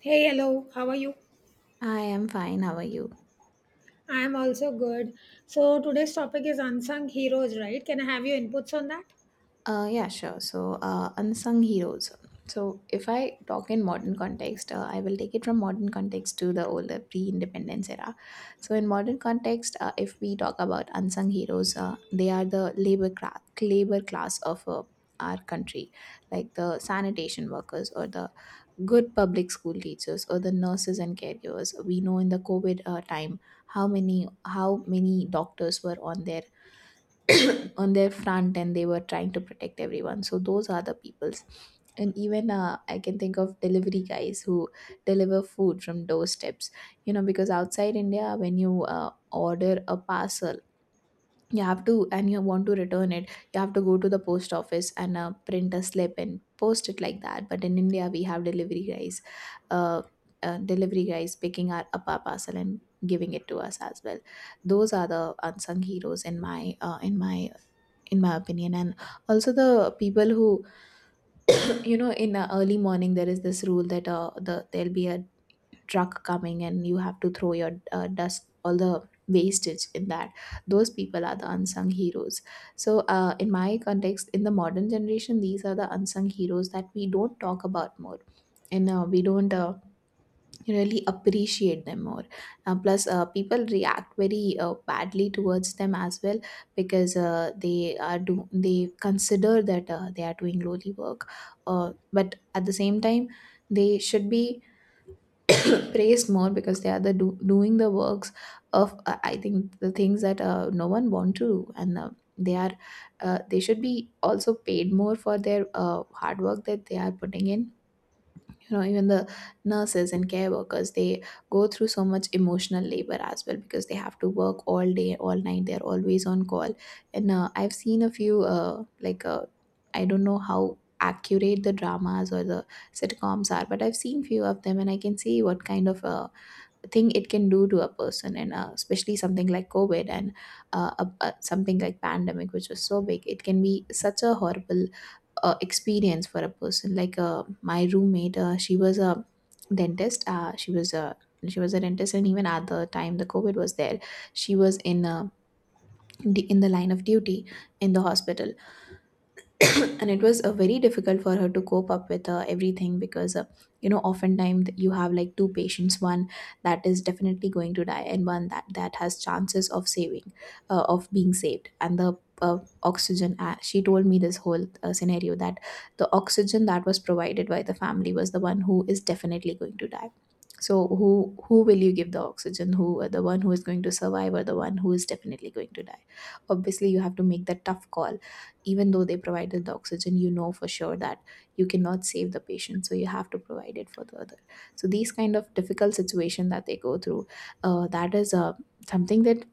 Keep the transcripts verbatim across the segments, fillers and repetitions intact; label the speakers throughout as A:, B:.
A: Hey, hello, how are you?
B: I am fine. How are you?
A: I am also good. So, today's topic is unsung heroes, right? Can I have your inputs on that?
B: Uh, yeah, sure. So, uh, unsung heroes. So, if I talk in modern context, uh, I will take it from modern context to the older pre-independence era. So, in modern context, uh, if we talk about unsung heroes, uh, they are the labor class, labor class of uh, our country, like the sanitation workers or the good public school teachers or the nurses and caregivers. We know in the COVID uh, time how many how many doctors were on their on their front and they were trying to protect everyone, so those are the peoples. And even uh, I can think of delivery guys who deliver food from doorsteps, you know, because outside India, when you uh, order a parcel, you have to, and you want to return it, you have to go to the post office and uh, print a slip and post it like that. But in India, we have delivery guys, uh, uh, delivery guys picking our up our parcel and giving it to us as well. Those are the unsung heroes in my uh, in my in my opinion. And also the people who, you know, in the early morning, there is this rule that uh, the there'll be a truck coming and you have to throw your uh, dust, all the wastage in that. Those people are the unsung heroes. So uh, in my context, in the modern generation, these are the unsung heroes that we don't talk about more. And uh, we don't uh, you really appreciate them more. Uh, plus, uh, people react very uh, badly towards them as well, because uh, they are do they consider that uh, they are doing lowly work. Uh, but at the same time, they should be praised more, because they are the do- doing the works of, uh, I think, the things that uh, no one want to do. And uh, they are uh, they should be also paid more for their uh, hard work that they are putting in. You know, even the nurses and care workers, they go through so much emotional labor as well, because they have to work all day, all night, they're always on call. And uh, I've seen a few uh, like uh, I don't know how accurate the dramas or the sitcoms are, but I've seen few of them, and I can see what kind of uh, thing it can do to a person. And uh, especially something like COVID and uh, a, a- something like pandemic, which was so big, it can be such a horrible uh, experience for a person. Like uh, my roommate, uh, she was a dentist, uh, she was a she was a dentist. And even at the time the COVID was there, she was in uh, d- in the line of duty in the hospital. And it was uh, very difficult for her to cope up with uh, everything, because, uh, you know, oftentimes you have like two patients, one that is definitely going to die and one that that has chances of saving, uh, of being saved. And the uh, oxygen, uh, she told me this whole uh, scenario that the oxygen that was provided by the family was the one who is definitely going to die. So who who will you give the oxygen, who, uh, the one who is going to survive or the one who is definitely going to die? Obviously you have to make that tough call. Even though they provided the oxygen, you know for sure that you cannot save the patient, so you have to provide it for the other. So these kind of difficult situation that they go through, uh, that is uh, something that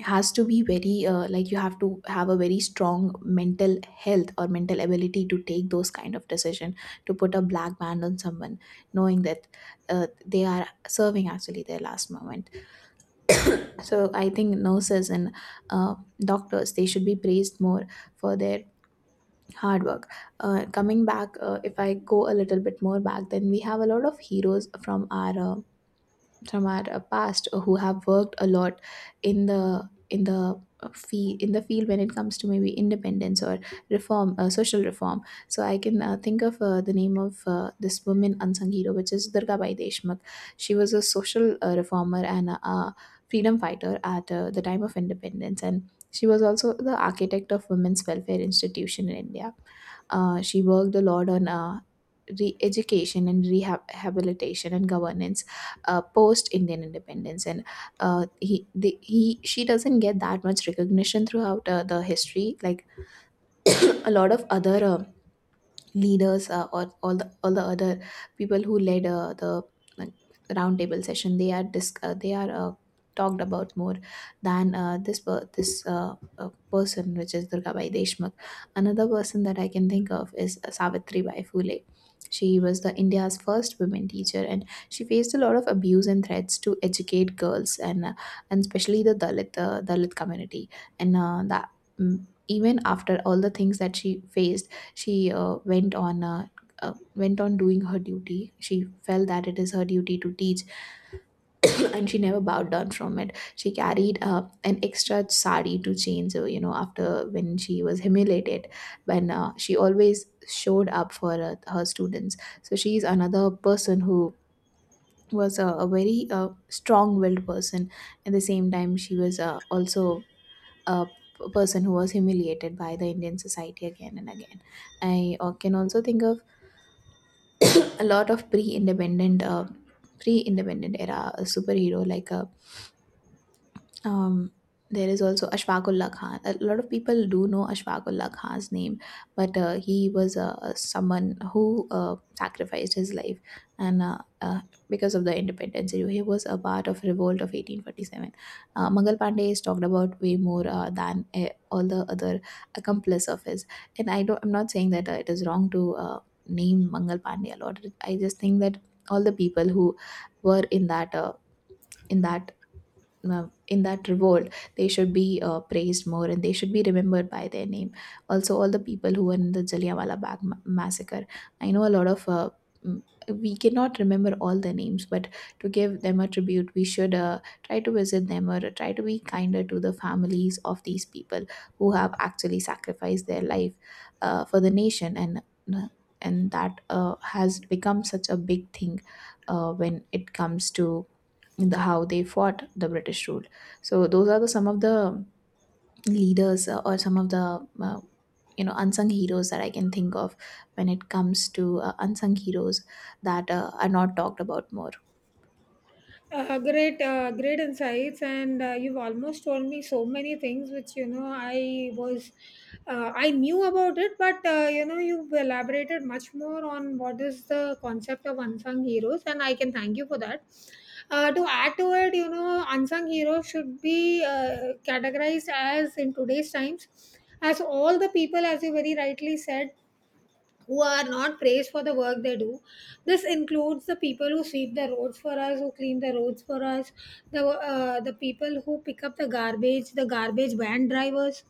B: has to be very uh, like you have to have a very strong mental health or mental ability to take those kind of decision, to put a black band on someone knowing that uh, they are serving actually their last moment. So I think nurses and uh, doctors, they should be praised more for their hard work. Uh, coming back, uh, if I go a little bit more back, then we have a lot of heroes from our uh, from our uh, past who have worked a lot in the in the fee in the field when it comes to maybe independence or reform, uh, social reform. So I can uh, think of uh, the name of uh, this woman unsung hero, which is Durgabai Deshmukh. She was a social uh, reformer and a, a freedom fighter at uh, the time of independence, and she was also the architect of women's welfare institution in India. Uh, she worked a lot on uh, re-education and rehabilitation and governance, uh, post Indian independence. And uh, he the, he she doesn't get that much recognition throughout uh, the history. Like a lot of other uh, leaders, uh, or all the all the other people who led uh, the, like, roundtable session, they are dis- uh, they are uh, talked about more than uh, this per- this uh, uh, person, which is Durgabai Deshmukh. Another person that I can think of is uh, Savitri Bai Phule. She was the India's first women teacher, and she faced a lot of abuse and threats to educate girls, and uh, and especially the Dalit uh, Dalit community. And uh, that, mm, even after all the things that she faced, she uh, went on uh, uh, went on doing her duty. She felt that it is her duty to teach. And she never bowed down from it. She carried uh, an extra sari to change. uh, You know, after when she was humiliated, when uh, she always showed up for uh, her students. So she is another person who was a, a very uh, strong-willed person. At the same time, she was uh, also a p- person who was humiliated by the Indian society again and again. I uh, can also think of a lot of pre-independent uh pre-independent era superhero, like uh, um, there is also Ashfaq Ullah Khan. A lot of people do know Ashfaq Ullah Khan's name, but uh, he was uh, someone who uh, sacrificed his life, and uh, uh, because of the independence, he was a part of revolt of eighteen forty-seven. Uh, Mangal Pandey is talked about way more uh, than uh, all the other accomplice of his, and I don't. I'm not saying that uh, it is wrong to uh, name Mangal Pandey a lot. I just think that all the people who were in that uh, in that uh, in that revolt, they should be uh, praised more and they should be remembered by their name. Also, all the people who were in the Jallianwala Bagh ma- massacre, I know a lot of uh, mm, we cannot remember all their names, but to give them a tribute we should uh, try to visit them or try to be kinder to the families of these people who have actually sacrificed their life uh, for the nation. and and that uh, has become such a big thing uh, when it comes to in the how they fought the British rule. So those are the some of the leaders, uh, or some of the, uh, you know, unsung heroes that I can think of when it comes to uh, unsung heroes that uh, are not talked about more.
A: Uh, great, uh, great insights, and uh, you've almost told me so many things which you know I was, uh, I knew about it, but uh, you know you've elaborated much more on what is the concept of unsung heroes, and I can thank you for that. Uh, to add to it, you know, unsung heroes should be uh, categorized as in today's times as all the people, as you very rightly said, who are not praised for the work they do. This includes the people who sweep the roads for us, who clean the roads for us, the uh, the people who pick up the garbage, the garbage van drivers,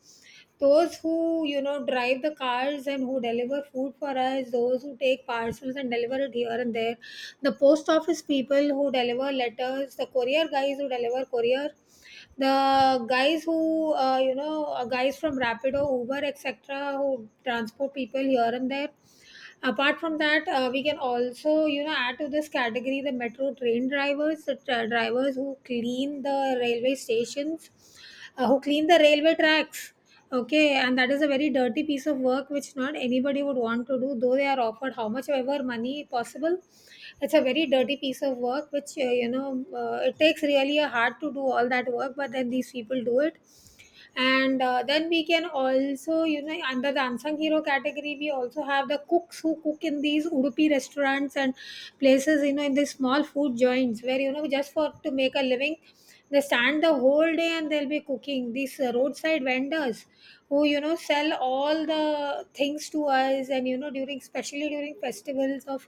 A: those who you know drive the cars and who deliver food for us, those who take parcels and deliver it here and there, the post office people who deliver letters, the courier guys who deliver courier, the guys who uh, you know uh, guys from Rapido, Uber, etc. who transport people here and there. Apart from that, uh, we can also you know add to this category the metro train drivers, the tra- drivers who clean the railway stations, uh, who clean the railway tracks, okay, and that is a very dirty piece of work which not anybody would want to do, though they are offered how much ever money possible. It's a very dirty piece of work which uh, you know uh, it takes really a heart to do all that work, but then these people do it. And uh, then we can also, you know under the unsung hero category we also have the cooks who cook in these Udupi restaurants and places, you know in these small food joints where, you know just for to make a living, they stand the whole day and they'll be cooking. These uh, roadside vendors who you know sell all the things to us, and you know during, especially during festivals of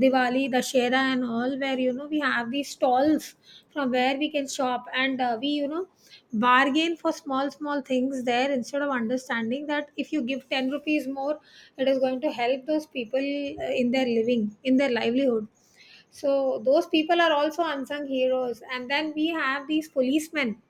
A: Diwali, dashera and all, where you know we have these stalls from where we can shop, and uh, we you know bargain for small small things there, instead of understanding that if you give 10 rupees more it is going to help those people uh, in their living in their livelihood. So those people are also unsung heroes. And then we have these policemen,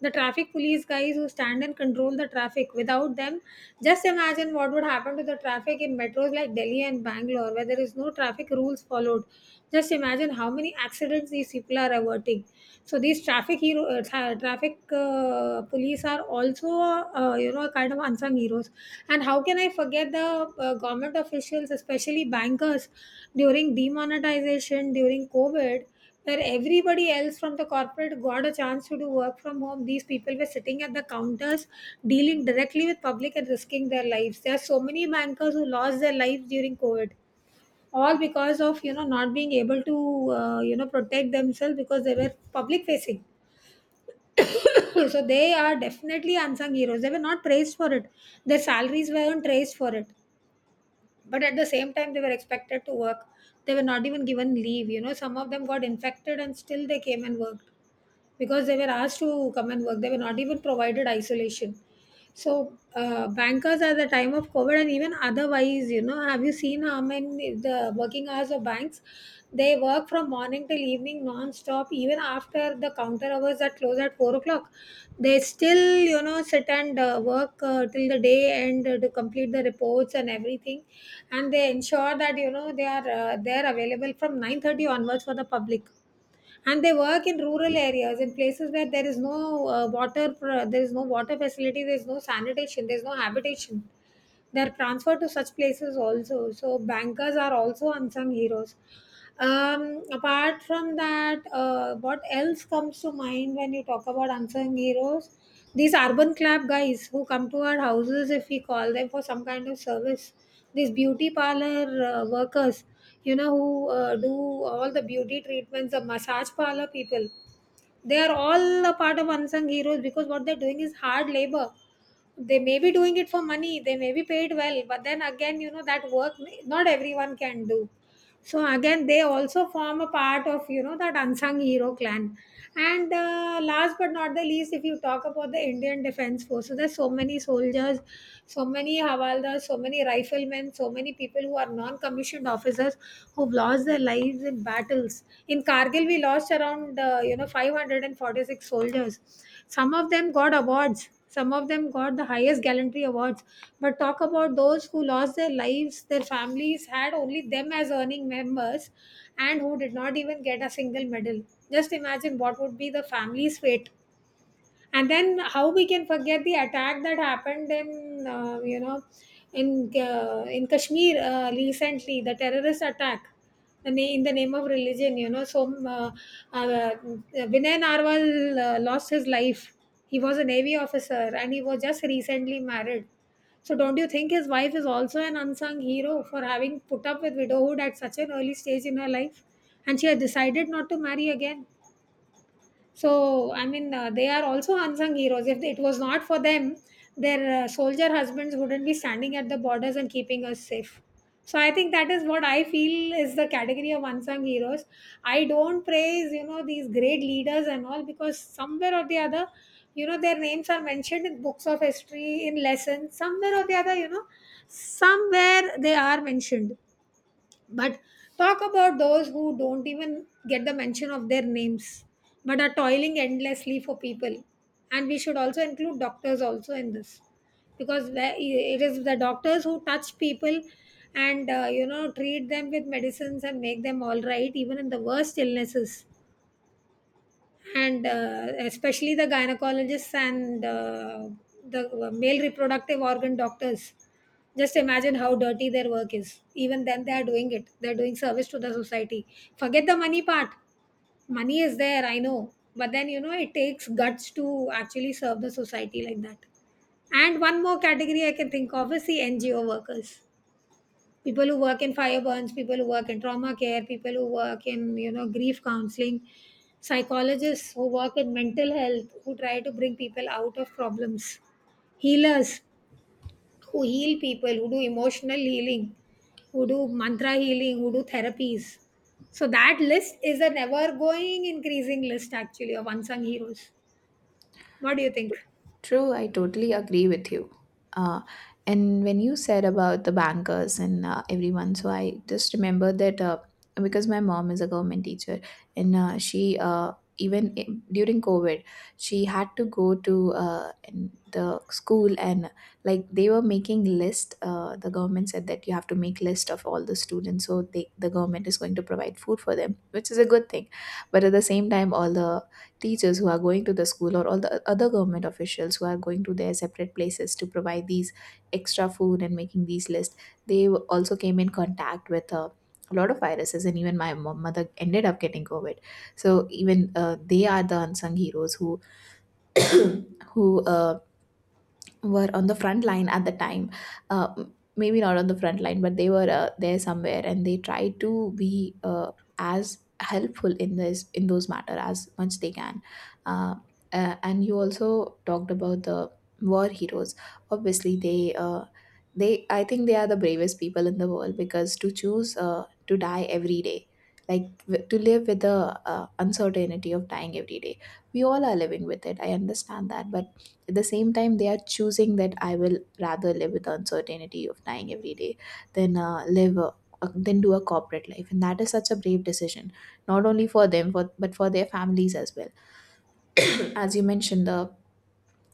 A: the traffic police guys who stand and control the traffic. Without them, just imagine what would happen to the traffic in metros like Delhi and Bangalore, where there is no traffic rules followed. Just imagine how many accidents these people are averting. So these traffic hero, uh, tra- traffic uh, police are also, uh, you know, kind of unsung heroes. And how can I forget the uh, government officials, especially bankers, during demonetization, during COVID, where everybody else from the corporate got a chance to do work from home. These people were sitting at the counters, dealing directly with public and risking their lives. There are so many bankers who lost their lives during COVID, all because of you know not being able to uh, you know protect themselves because they were public facing. So they are definitely unsung heroes. They were not praised for it, their salaries weren't praised for it, but at the same time they were expected to work. They were not even given leave you know Some of them got infected and still they came and worked because they were asked to come and work. They were not even provided isolation. So uh, bankers at the time of COVID and even otherwise, you know, have you seen how many the working hours of banks? They work from morning till evening non-stop. Even after the counter hours that close at four o'clock, they still you know sit and uh, work uh, till the day end uh, to complete the reports and everything, and they ensure that you know they are uh, they are available from nine thirty onwards for the public, and they work in rural areas, in places where there is no uh, water pro- there is no water facility, there is no sanitation, there is no habitation. They are transferred to such places also, so bankers are also unsung heroes. Um, apart from that, uh, what else comes to mind when you talk about unsung heroes? These urban club guys who come to our houses if we call them for some kind of service. These beauty parlor uh, workers, you know, who uh, do all the beauty treatments, the massage parlor people. They are all a part of unsung heroes because what they're doing is hard labor. They may be doing it for money, they may be paid well, but then again, you know, that work may- not everyone can do. So again, they also form a part of you know that unsung hero clan. And uh, last but not the least, if you talk about the Indian Defense Force, so there's so many soldiers, so many havaldars, so many riflemen, so many people who are non-commissioned officers who've lost their lives in battles. In Kargil, we lost around uh, you know five hundred forty-six soldiers. Some of them got awards, some of them got the highest gallantry awards, but talk about those who lost their lives. Their families had only them as earning members, and who did not even get a single medal. Just imagine what would be the family's fate. And then how we can forget the attack that happened in uh, you know in uh, in Kashmir uh, recently, the terrorist attack, the na- in the name of religion you know so uh, uh, Vinay Narwal uh, lost his life. He was a navy officer and he was just recently married. So don't you think his wife is also an unsung hero for having put up with widowhood at such an early stage in her life? And she had decided not to marry again. So, I mean, uh, they are also unsung heroes. If it was not for them, their uh, soldier husbands wouldn't be standing at the borders and keeping us safe. So, I think that is what I feel is the category of unsung heroes. I don't praise, you know, these great leaders and all because somewhere or the other, you know, their names are mentioned in books of history, in lessons, somewhere or the other. You know, somewhere they are mentioned, but talk about those who don't even get the mention of their names but are toiling endlessly for people. And we should also include doctors also in this, because where- it is the doctors who touch people and uh, you know treat them with medicines and make them all right even in the worst illnesses, and uh, especially the gynecologists and uh, the uh, male reproductive organ doctors. Just imagine how dirty their work is. Even then they are doing it, they're doing service to the society. Forget the money part, money is there, I know, but then you know it takes guts to actually serve the society like that. And one more category I can think of is the NGO workers, people who work in fire burns, people who work in trauma care, people who work in you know grief counseling, psychologists who work in mental health who try to bring people out of problems, healers who heal people, who do emotional healing, who do mantra healing, who do therapies. So that list is an ever going increasing list actually of unsung heroes. What do you think?
B: True, I totally agree with you. Uh, and when you said about the bankers and, uh, everyone, so I just remember that uh, because my mom is a government teacher, and uh, she uh, even i- during COVID, she had to go to uh, in the school, and like they were making list. Uh, the government said that you have to make list of all the students, so they, the government is going to provide food for them, which is a good thing. But at the same time, all the teachers who are going to the school or all the other government officials who are going to their separate places to provide these extra food and making these lists they w- also came in contact with uh, a lot of viruses, and even my mo- mother ended up getting COVID. So even uh, they are the unsung heroes who who uh, were on the front line at the time. Uh, m- maybe not on the front line, but they were uh, there somewhere, and they tried to be uh, as helpful in this in those matter as much they can. uh, uh, and you also talked about the war heroes. Obviously they uh, they I think they are the bravest people in the world, because to choose uh, to die every day, like w- to live with the uh, uncertainty of dying every day. We all are living with it, I understand that, but at the same time, they are choosing that I will rather live with the uncertainty of dying every day than uh, live a, a- than do a corporate life, and that is such a brave decision, not only for them for, but for their families as well. As you mentioned the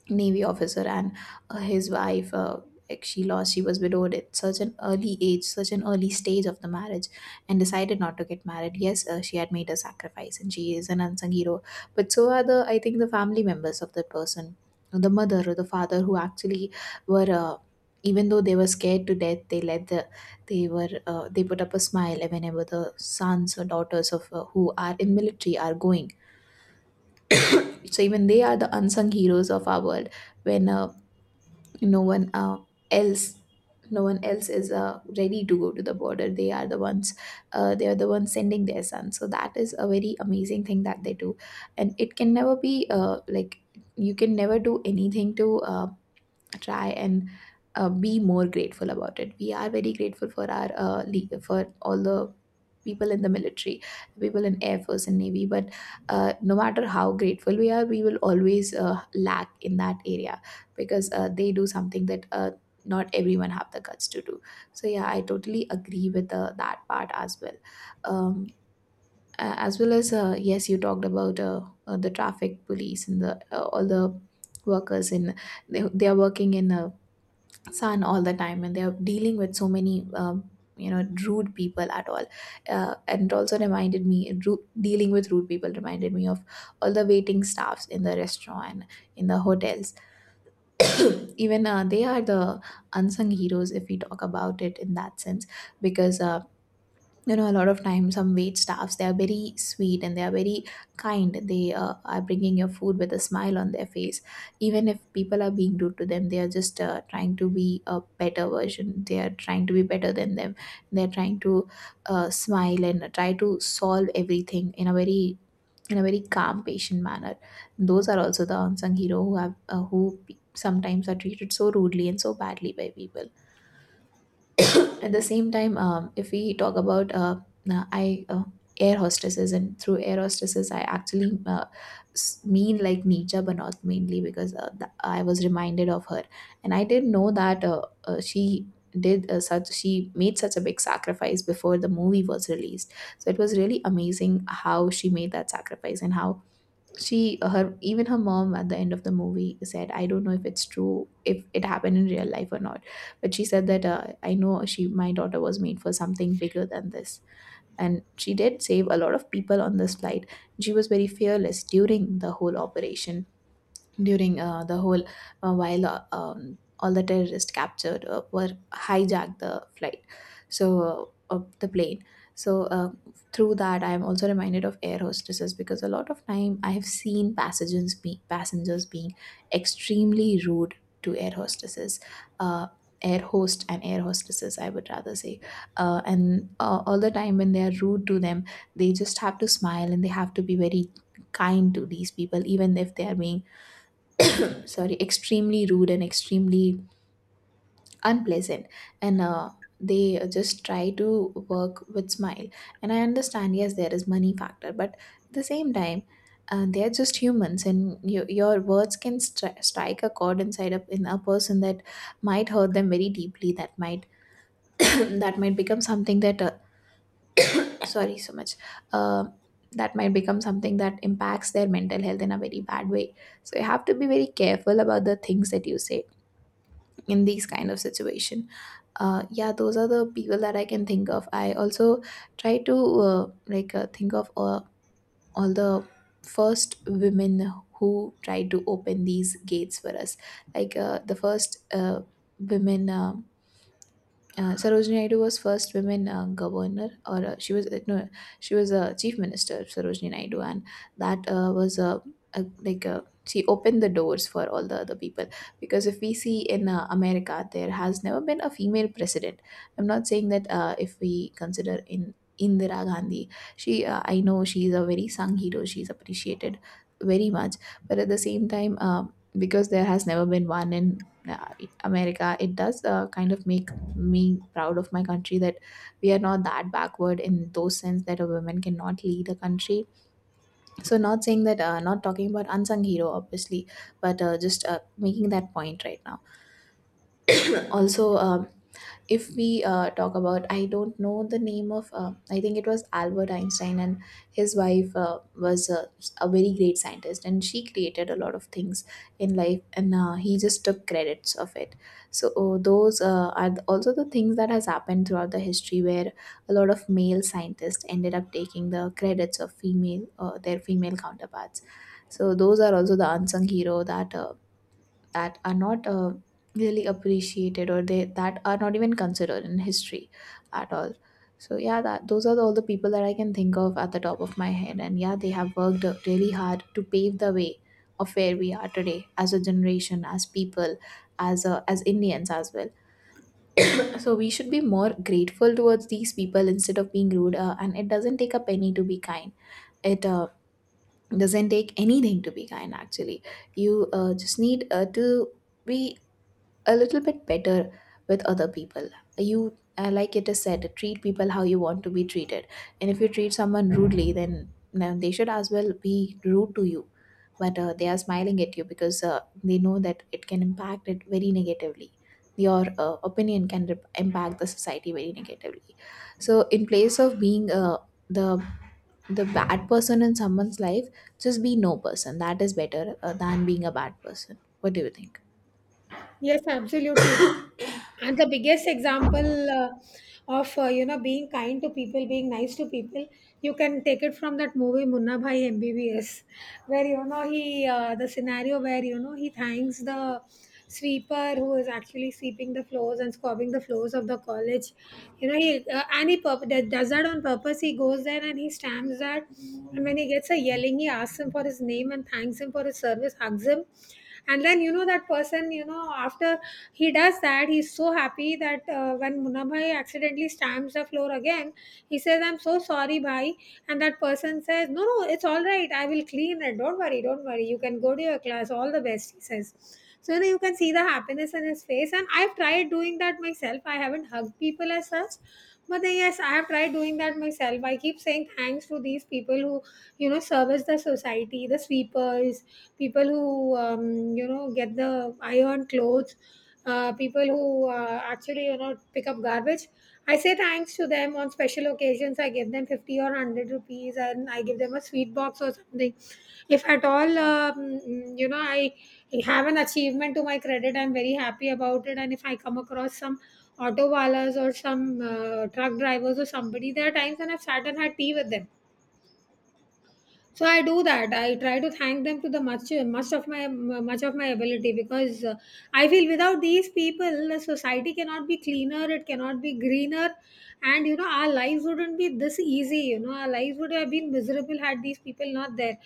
B: navy officer and uh, his wife uh, like, she lost she was widowed at such an early age, such an early stage of the marriage, and decided not to get married. Yes, uh, she had made a sacrifice and she is an unsung hero, but so are the, I think, the family members of that person, the mother or the father who actually were uh, even though they were scared to death, they let the they were uh, they put up a smile whenever the sons or daughters of uh, who are in military are going. So even they are the unsung heroes of our world. When uh, no one uh, else, no one else is uh, ready to go to the border, they are the ones. Uh, they are the ones sending their son, so that is a very amazing thing that they do. And it can never be uh, like, you can never do anything to uh, try and uh, be more grateful about it. We are very grateful for our uh, le- for all the people in the military, the people in air force and navy. But uh, no matter how grateful we are, we will always uh, lack in that area, because uh, they do something that uh, not everyone have the guts to do. So yeah, I totally agree with uh, that part as well. Um, a- as well as uh, yes, you talked about uh, uh, the traffic police and the uh, all the workers in they, they are working in uh, son all the time, and they're dealing with so many um, you know rude people at all. Uh, and it also reminded me ru- dealing with rude people reminded me of all the waiting staffs in the restaurant, in the hotels. Even uh, they are the unsung heroes, if we talk about it in that sense, because uh, you know, a lot of times some wait staffs, they are very sweet and they are very kind. They uh, are bringing your food with a smile on their face. Even if people are being rude to them, they are just uh, trying to be a better version, they are trying to be better than them. They are trying to uh, smile and try to solve everything in a very, in a very calm, patient manner. Those are also the unsung hero who have uh, who pe- sometimes are treated so rudely and so badly by people. At the same time, um, if we talk about uh, uh, I uh, air hostesses. And through air hostesses, I actually uh, s- mean like Nietzsche, but mainly because uh, th- I was reminded of her, and I didn't know that uh, uh, she did uh, such she made such a big sacrifice before the movie was released. So it was really amazing how she made that sacrifice. And how she her even her mom at the end of the movie said, I don't know if it's true, if it happened in real life or not, but she said that uh, I know she my daughter was made for something bigger than this. And she did save a lot of people on this flight. She was very fearless during the whole operation, during uh, the whole uh, while uh, um, all the terrorists captured uh, were hijacked the flight, so uh, of the plane. So uh, through that, I am also reminded of air hostesses, because a lot of time I have seen passengers be- passengers being extremely rude to air hostesses. uh, Air host and air hostesses, I would rather say. Uh, and uh, All the time when they are rude to them, they just have to smile, and they have to be very kind to these people, even if they are being, sorry, extremely rude and extremely unpleasant. And uh, they just try to work with smile. And I understand, yes, there is money factor, but at the same time, uh, they're just humans, and you, your words can stri- strike a chord inside a, in a person that might hurt them very deeply, that might that might become something that uh, sorry so much, uh, that might become something that impacts their mental health in a very bad way. So you have to be very careful about the things that you say in these kind of situation. Uh, yeah, those are the people that I can think of. I also try to uh, like uh, think of uh, all the first women who tried to open these gates for us, like uh, the first uh, women uh, uh, Sarojini Naidu was first women uh, governor, or uh, she was uh, no, she was a uh, chief minister, Sarojini Naidu, and that uh, was uh, a like uh she opened the doors for all the other people. Because if we see in uh, America, there has never been a female president. I'm not saying that uh, if we consider in Indira Gandhi, she uh, I know she is a very sung hero, she's appreciated very much, but at the same time. Uh, Because there has never been one in uh, America, it does uh, kind of make me proud of my country that we are not that backward in those sense that a woman cannot lead a country. So not saying that uh, not talking about unsung hero, obviously, but uh, just uh, making that point right now. Also, um, if we uh, talk about, I don't know the name of uh, I think it was Albert Einstein, and his wife uh, was a, a very great scientist, and she created a lot of things in life, and uh, he just took credits of it. So uh, those uh, are the- also the things that has happened throughout the history, where a lot of male scientists ended up taking the credits of female uh, their female counterparts. So those are also the unsung hero that uh, that are not uh, really appreciated, or they that are not even considered in history at all. So yeah, that those are all the people that I can think of at the top of my head, and yeah, they have worked really hard to pave the way of where we are today as a generation, as people, as uh, as Indians as well. So we should be more grateful towards these people instead of being rude. Uh, and it doesn't take a penny to be kind. It uh, doesn't take anything to be kind, actually. You uh, just need uh, to be a little bit better with other people. You uh, like, it is said, treat people how you want to be treated. And if you treat someone rudely, then now they should as well be rude to you. But uh, they are smiling at you because uh, they know that it can impact it very negatively. Your uh, opinion can rep- impact the society very negatively. So in place of being uh, the the bad person in someone's life, just be no person, that is better uh, than being a bad person. What do you think?
A: Yes, absolutely. And the biggest example uh, of uh, you know being kind to people, being nice to people, you can take it from that movie Munna Bhai MBBS, where you know he uh, the scenario where you know he thanks the sweeper who is actually sweeping the floors and scrubbing the floors of the college. you know he uh, and he purp- that does that on purpose. He goes there and he stamps that, and when he gets a yelling, he asks him for his name and thanks him for his service, hugs him. And then you know that person, you know after he does that, he's so happy that uh, when Munna Bhai accidentally stamps the floor again, he says, "I'm so sorry, bhai," and that person says, "No, no, it's all right, I will clean it, don't worry, don't worry, you can go to your class, all the best," he says. So you know you can see the happiness in his face. And I've tried doing that myself. I haven't hugged people as such, but then, yes, I have tried doing that myself. I keep saying thanks to these people who you know service the society, the sweepers, people who um, you know get the iron clothes, uh, people who uh, actually you know pick up garbage. I say thanks to them on special occasions. I give them fifty or one hundred rupees, and I give them a sweet box or something. If at all, um, you know, I have an achievement to my credit, I'm very happy about it. And if I come across some auto wallahs or some uh, truck drivers or somebody, there are times when I've sat and had tea with them, so I do that. I try to thank them to the much much of my much of my ability because uh, I feel without these people the society cannot be cleaner, it cannot be greener, and you know our lives wouldn't be this easy. You know our lives would have been miserable had these people not there.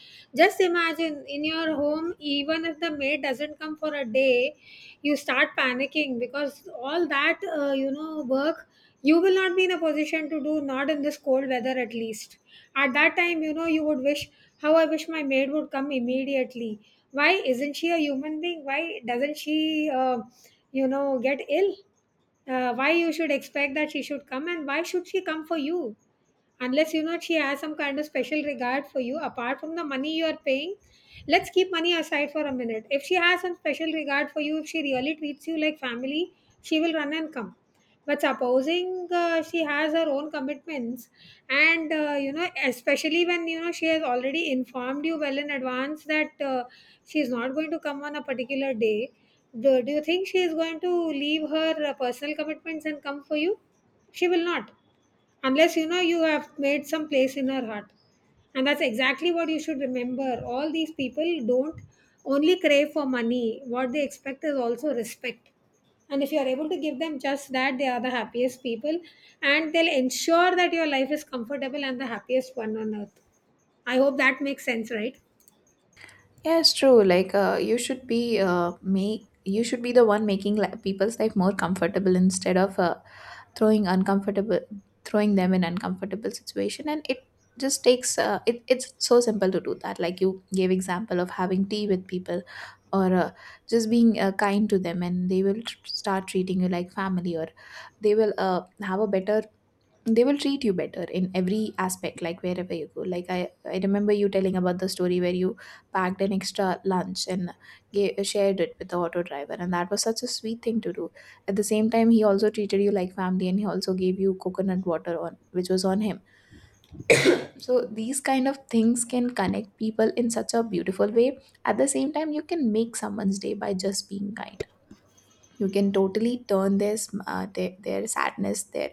A: Just imagine, in your home, even if the maid doesn't come for a day, you start panicking because all that uh, you know work you will not be in a position to do, not in this cold weather at least. At that time, you know, you would wish, how I wish my maid would come immediately. Why isn't she a human being? Why doesn't she, uh, you know, get ill? Uh, why you should expect that she should come, and why should she come for you unless, you know, she has some kind of special regard for you apart from the money you are paying? Let's keep money aside for a minute. If she has some special regard for you, if she really treats you like family, she will run and come. But supposing uh, she has her own commitments, and uh, you know especially when, you know, she has already informed you well in advance that uh, she is not going to come on a particular day, do, do you think she is going to leave her uh, personal commitments and come for you? She will not, unless, you know, you have made some place in her heart. And that's exactly what you should remember. All these people don't only crave for money. What they expect is also respect. And if you are able to give them just that, they are the happiest people, and they'll ensure that your life is comfortable and the happiest one on earth. I hope that makes sense, right?
B: Yeah, it's true. Like, uh, you should be uh, make you should be the one making li- people's life more comfortable instead of uh, throwing uncomfortable throwing them in uncomfortable situation. And it just takes uh, it. It's so simple to do that. Like you gave example of having tea with people, or uh, just being uh, kind to them, and they will tr- start treating you like family, or they will uh, have a better they will treat you better in every aspect, like wherever you go. Like i i remember you telling about the story where you packed an extra lunch and gave, shared it with the auto driver, and that was such a sweet thing to do. At the same time, he also treated you like family, and he also gave you coconut water on which was on him. So these kind of things can connect people in such a beautiful way. At the same time, you can make someone's day by just being kind. You can totally turn their sm- uh, their, their sadness their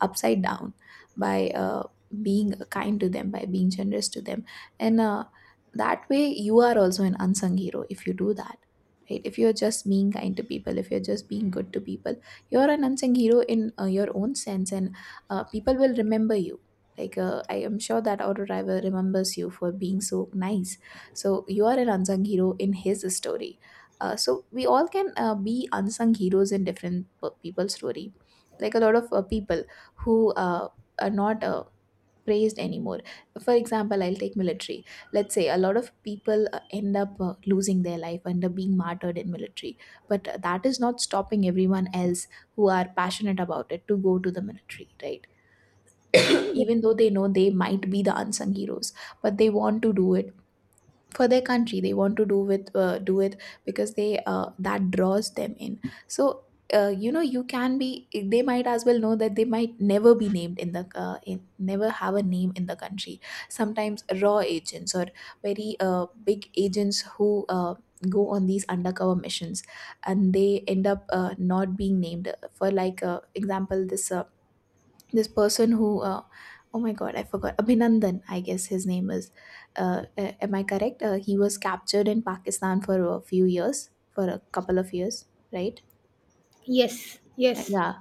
B: upside down by uh, being kind to them, by being generous to them. And uh, That way, you are also an unsung hero if you do that, right? If you're just being kind to people, if you're just being good to people, you're an unsung hero in uh, your own sense. And uh, People will remember you. Like uh, I am sure that auto driver remembers you for being so nice. So you are an unsung hero in his story. Uh, so we all can uh, be unsung heroes in different p- people's story. Like a lot of uh, people who uh, are not uh, praised anymore. For example, I'll take military. Let's say a lot of people uh, end up uh, losing their life, end up being martyred in military. But uh, that is not stopping everyone else who are passionate about it to go to the military, right?
A: Yes,
B: Even though they know they might be the unsung heroes, but they want to do it for their country. They want to do with uh, do it because they uh, that draws them in. So uh, you know, you can be they might as well know that they might never be named in the uh, in, never have a name in the country. Sometimes RAW agents or very uh, big agents who uh, go on these undercover missions, and they end up uh, not being named. For like uh, example, this uh, this person who uh, oh my god, I forgot, Abhinandan, I guess his name is, uh, a- am I correct? uh, he was captured in Pakistan for a few years, for a couple of years, right?
A: yes,
B: Uh,
A: yes.
B: yeah.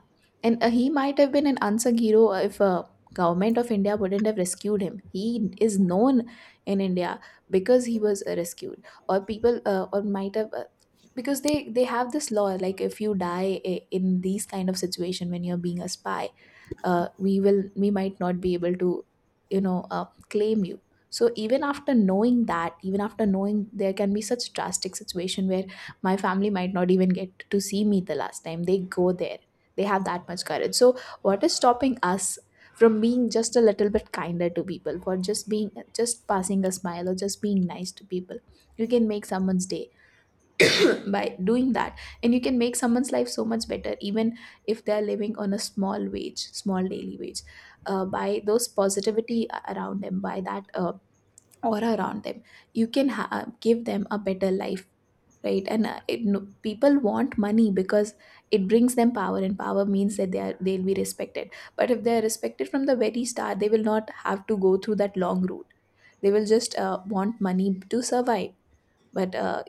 B: And uh, he might have been an unsung hero if uh, government of India wouldn't have rescued him. He is known in India because he was uh, rescued, or people uh, or might have uh, because they they have this law, like if you die i- in these kind of situation when you're being a spy, uh, we will we might not be able to, you know, uh, claim you. So even after knowing that, even after knowing there can be such drastic situation where my family might not even get to see me the last time, they go there. They have that much courage, so what is stopping us from being just a little bit kinder to people, for just being just passing a smile, or just being nice to people? You can make someone's day by doing that, and you can make someone's life so much better, even if they're living on a small wage, small daily wage, uh, by those positivity a- around them, by that uh, aura around them, you can ha- uh, give them a better life, right? and uh, it, no, people want money because it brings them power, and power means that they are they'll be respected. But if they are respected from the very start, they will not have to go through that long route. They will just uh, want money to survive. But uh,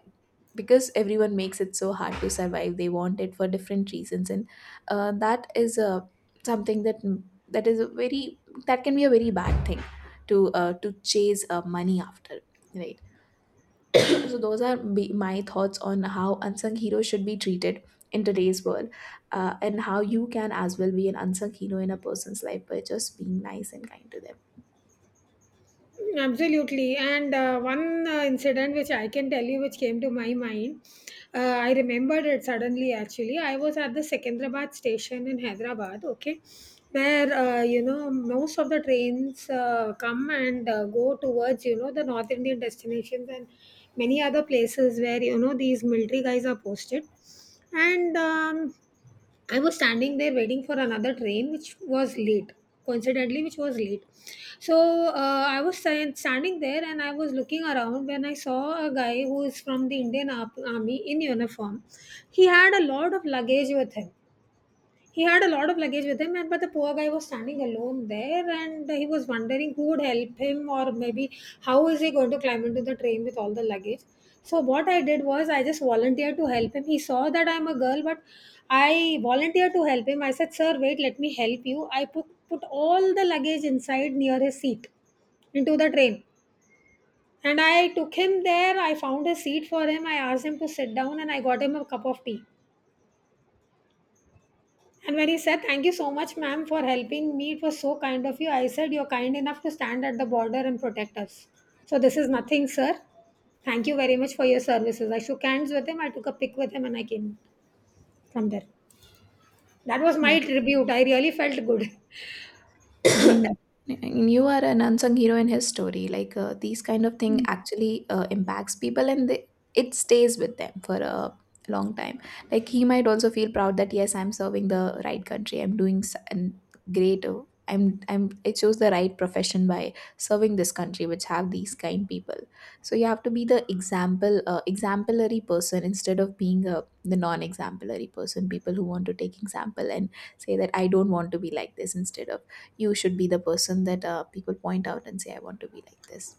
B: because everyone makes it so hard to survive, they want it for different reasons. And uh, that is uh, something that mm, that is a very that can be a very bad thing to uh, to chase uh, money after, right? So those are be- my thoughts on how unsung heroes should be treated in today's world, uh, and how you can as well be an unsung hero in a person's life by just being nice and kind to them.
A: Absolutely. And uh, one uh, incident which I can tell you, which came to my mind, uh, I remembered it suddenly actually. I was at the Secunderabad station in Hyderabad, okay, where, uh, you know, most of the trains uh, come and uh, go towards, you know, the North Indian destinations and many other places where, you know, these military guys are posted. And um, I was standing there waiting for another train, which was late, coincidentally, which was late. So uh, I was sta- standing there and I was looking around when I saw a guy who is from the Indian Ar- Army in uniform. He had a lot of luggage with him. He had a lot of luggage with him, and but the poor guy was standing alone there, and he was wondering who would help him, or maybe how is he going to climb into the train with all the luggage. So what I did was I just volunteered to help him. He saw that I'm a girl, but I volunteered to help him. I said, "Sir, wait, let me help you." I put put all the luggage inside near his seat into the train. And I took him there. I found a seat for him. I asked him to sit down and I got him a cup of tea. And when he said, "Thank you so much, ma'am, for helping me, it was so kind of you," I said, "You're kind enough to stand at the border and protect us. So this is nothing, sir. Thank you very much for your services." I shook hands with him, I took a pic with him, and I came from there. That was my tribute. I really felt good doing that.
B: And you are an unsung hero in his story. Like uh, these kind of thing actually uh, impacts people, and they, it stays with them for a long time. Like he might also feel proud that yes, I'm serving the right country. I'm doing s- and great. uh, I'm I'm I chose the right profession by serving this country, which have these kind people. So you have to be the example, uh, exemplary person, instead of being a, the non-exemplary person. People who want to take example and say that I don't want to be like this, instead of you should be the person that uh, people point out and say I want to be like this.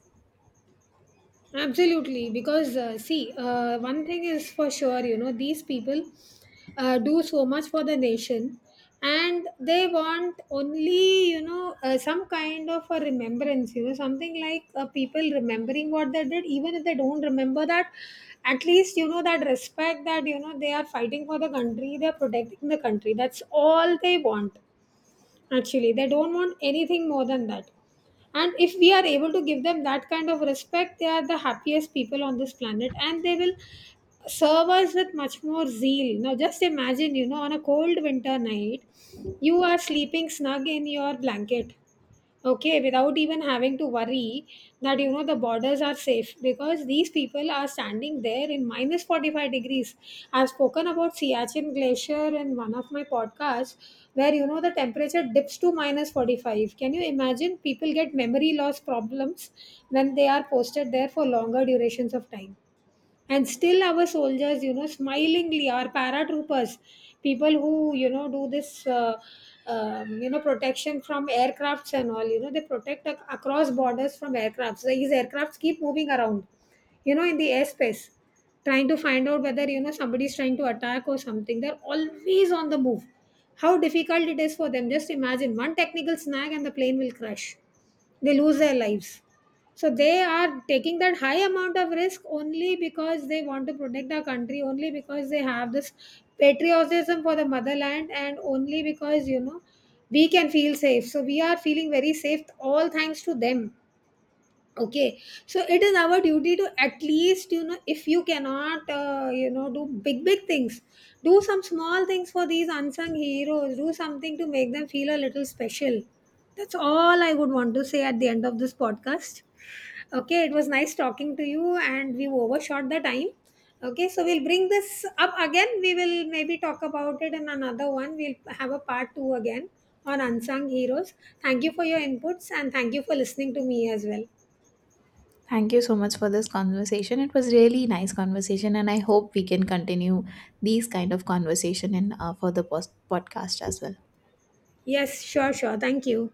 A: Absolutely, because uh, see, uh, one thing is for sure, you know, these people uh, do so much for the nation, and they want only, you know, uh, some kind of a remembrance, you know, something like uh, people remembering what they did. Even if they don't remember that, at least, you know, that respect that, you know, they are fighting for the country, they're protecting the country. That's all they want. Actually, they don't want anything more than that. And if we are able to give them that kind of respect, they are the happiest people on this planet, and they will serve us with much more zeal. Now, just imagine, you know, on a cold winter night, you are sleeping snug in your blanket, okay, without even having to worry that, you know, the borders are safe because these people are standing there in minus forty-five degrees. I've spoken about Siachen Glacier in one of my podcasts, where, you know, the temperature dips to minus forty-five. Can you imagine, people get memory loss problems when they are posted there for longer durations of time. And still, our soldiers, you know, smilingly, our paratroopers, people who, you know, do this uh, um, you know, protection from aircrafts and all, you know, they protect ac- across borders from aircrafts. So these aircrafts keep moving around, you know, in the airspace, trying to find out whether, you know, somebody is trying to attack or something. They're always on the move. How difficult it is for them. Just imagine, one technical snag and the plane will crash, they lose their lives. So they are taking that high amount of risk only because they want to protect our country, only because they have this patriotism for the motherland, and only because, you know, we can feel safe. So we are feeling very safe, all thanks to them, okay. So it is our duty to at least, you know, if you cannot uh, you know do big big things, do some small things for these unsung heroes. Do something to make them feel a little special. That's all I would want to say at the end of this podcast. Okay, it was nice talking to you, and we've overshot the time. Okay, so we'll bring this up again. We will maybe talk about it in another one. We'll have a part two again on unsung heroes. Thank you for your inputs and thank you for listening to me as well.
B: Thank you so much for this conversation. It was really nice conversation, and I hope we can continue these kind of conversation in uh, for the post- podcast as well.
A: Yes, sure, sure. Thank you.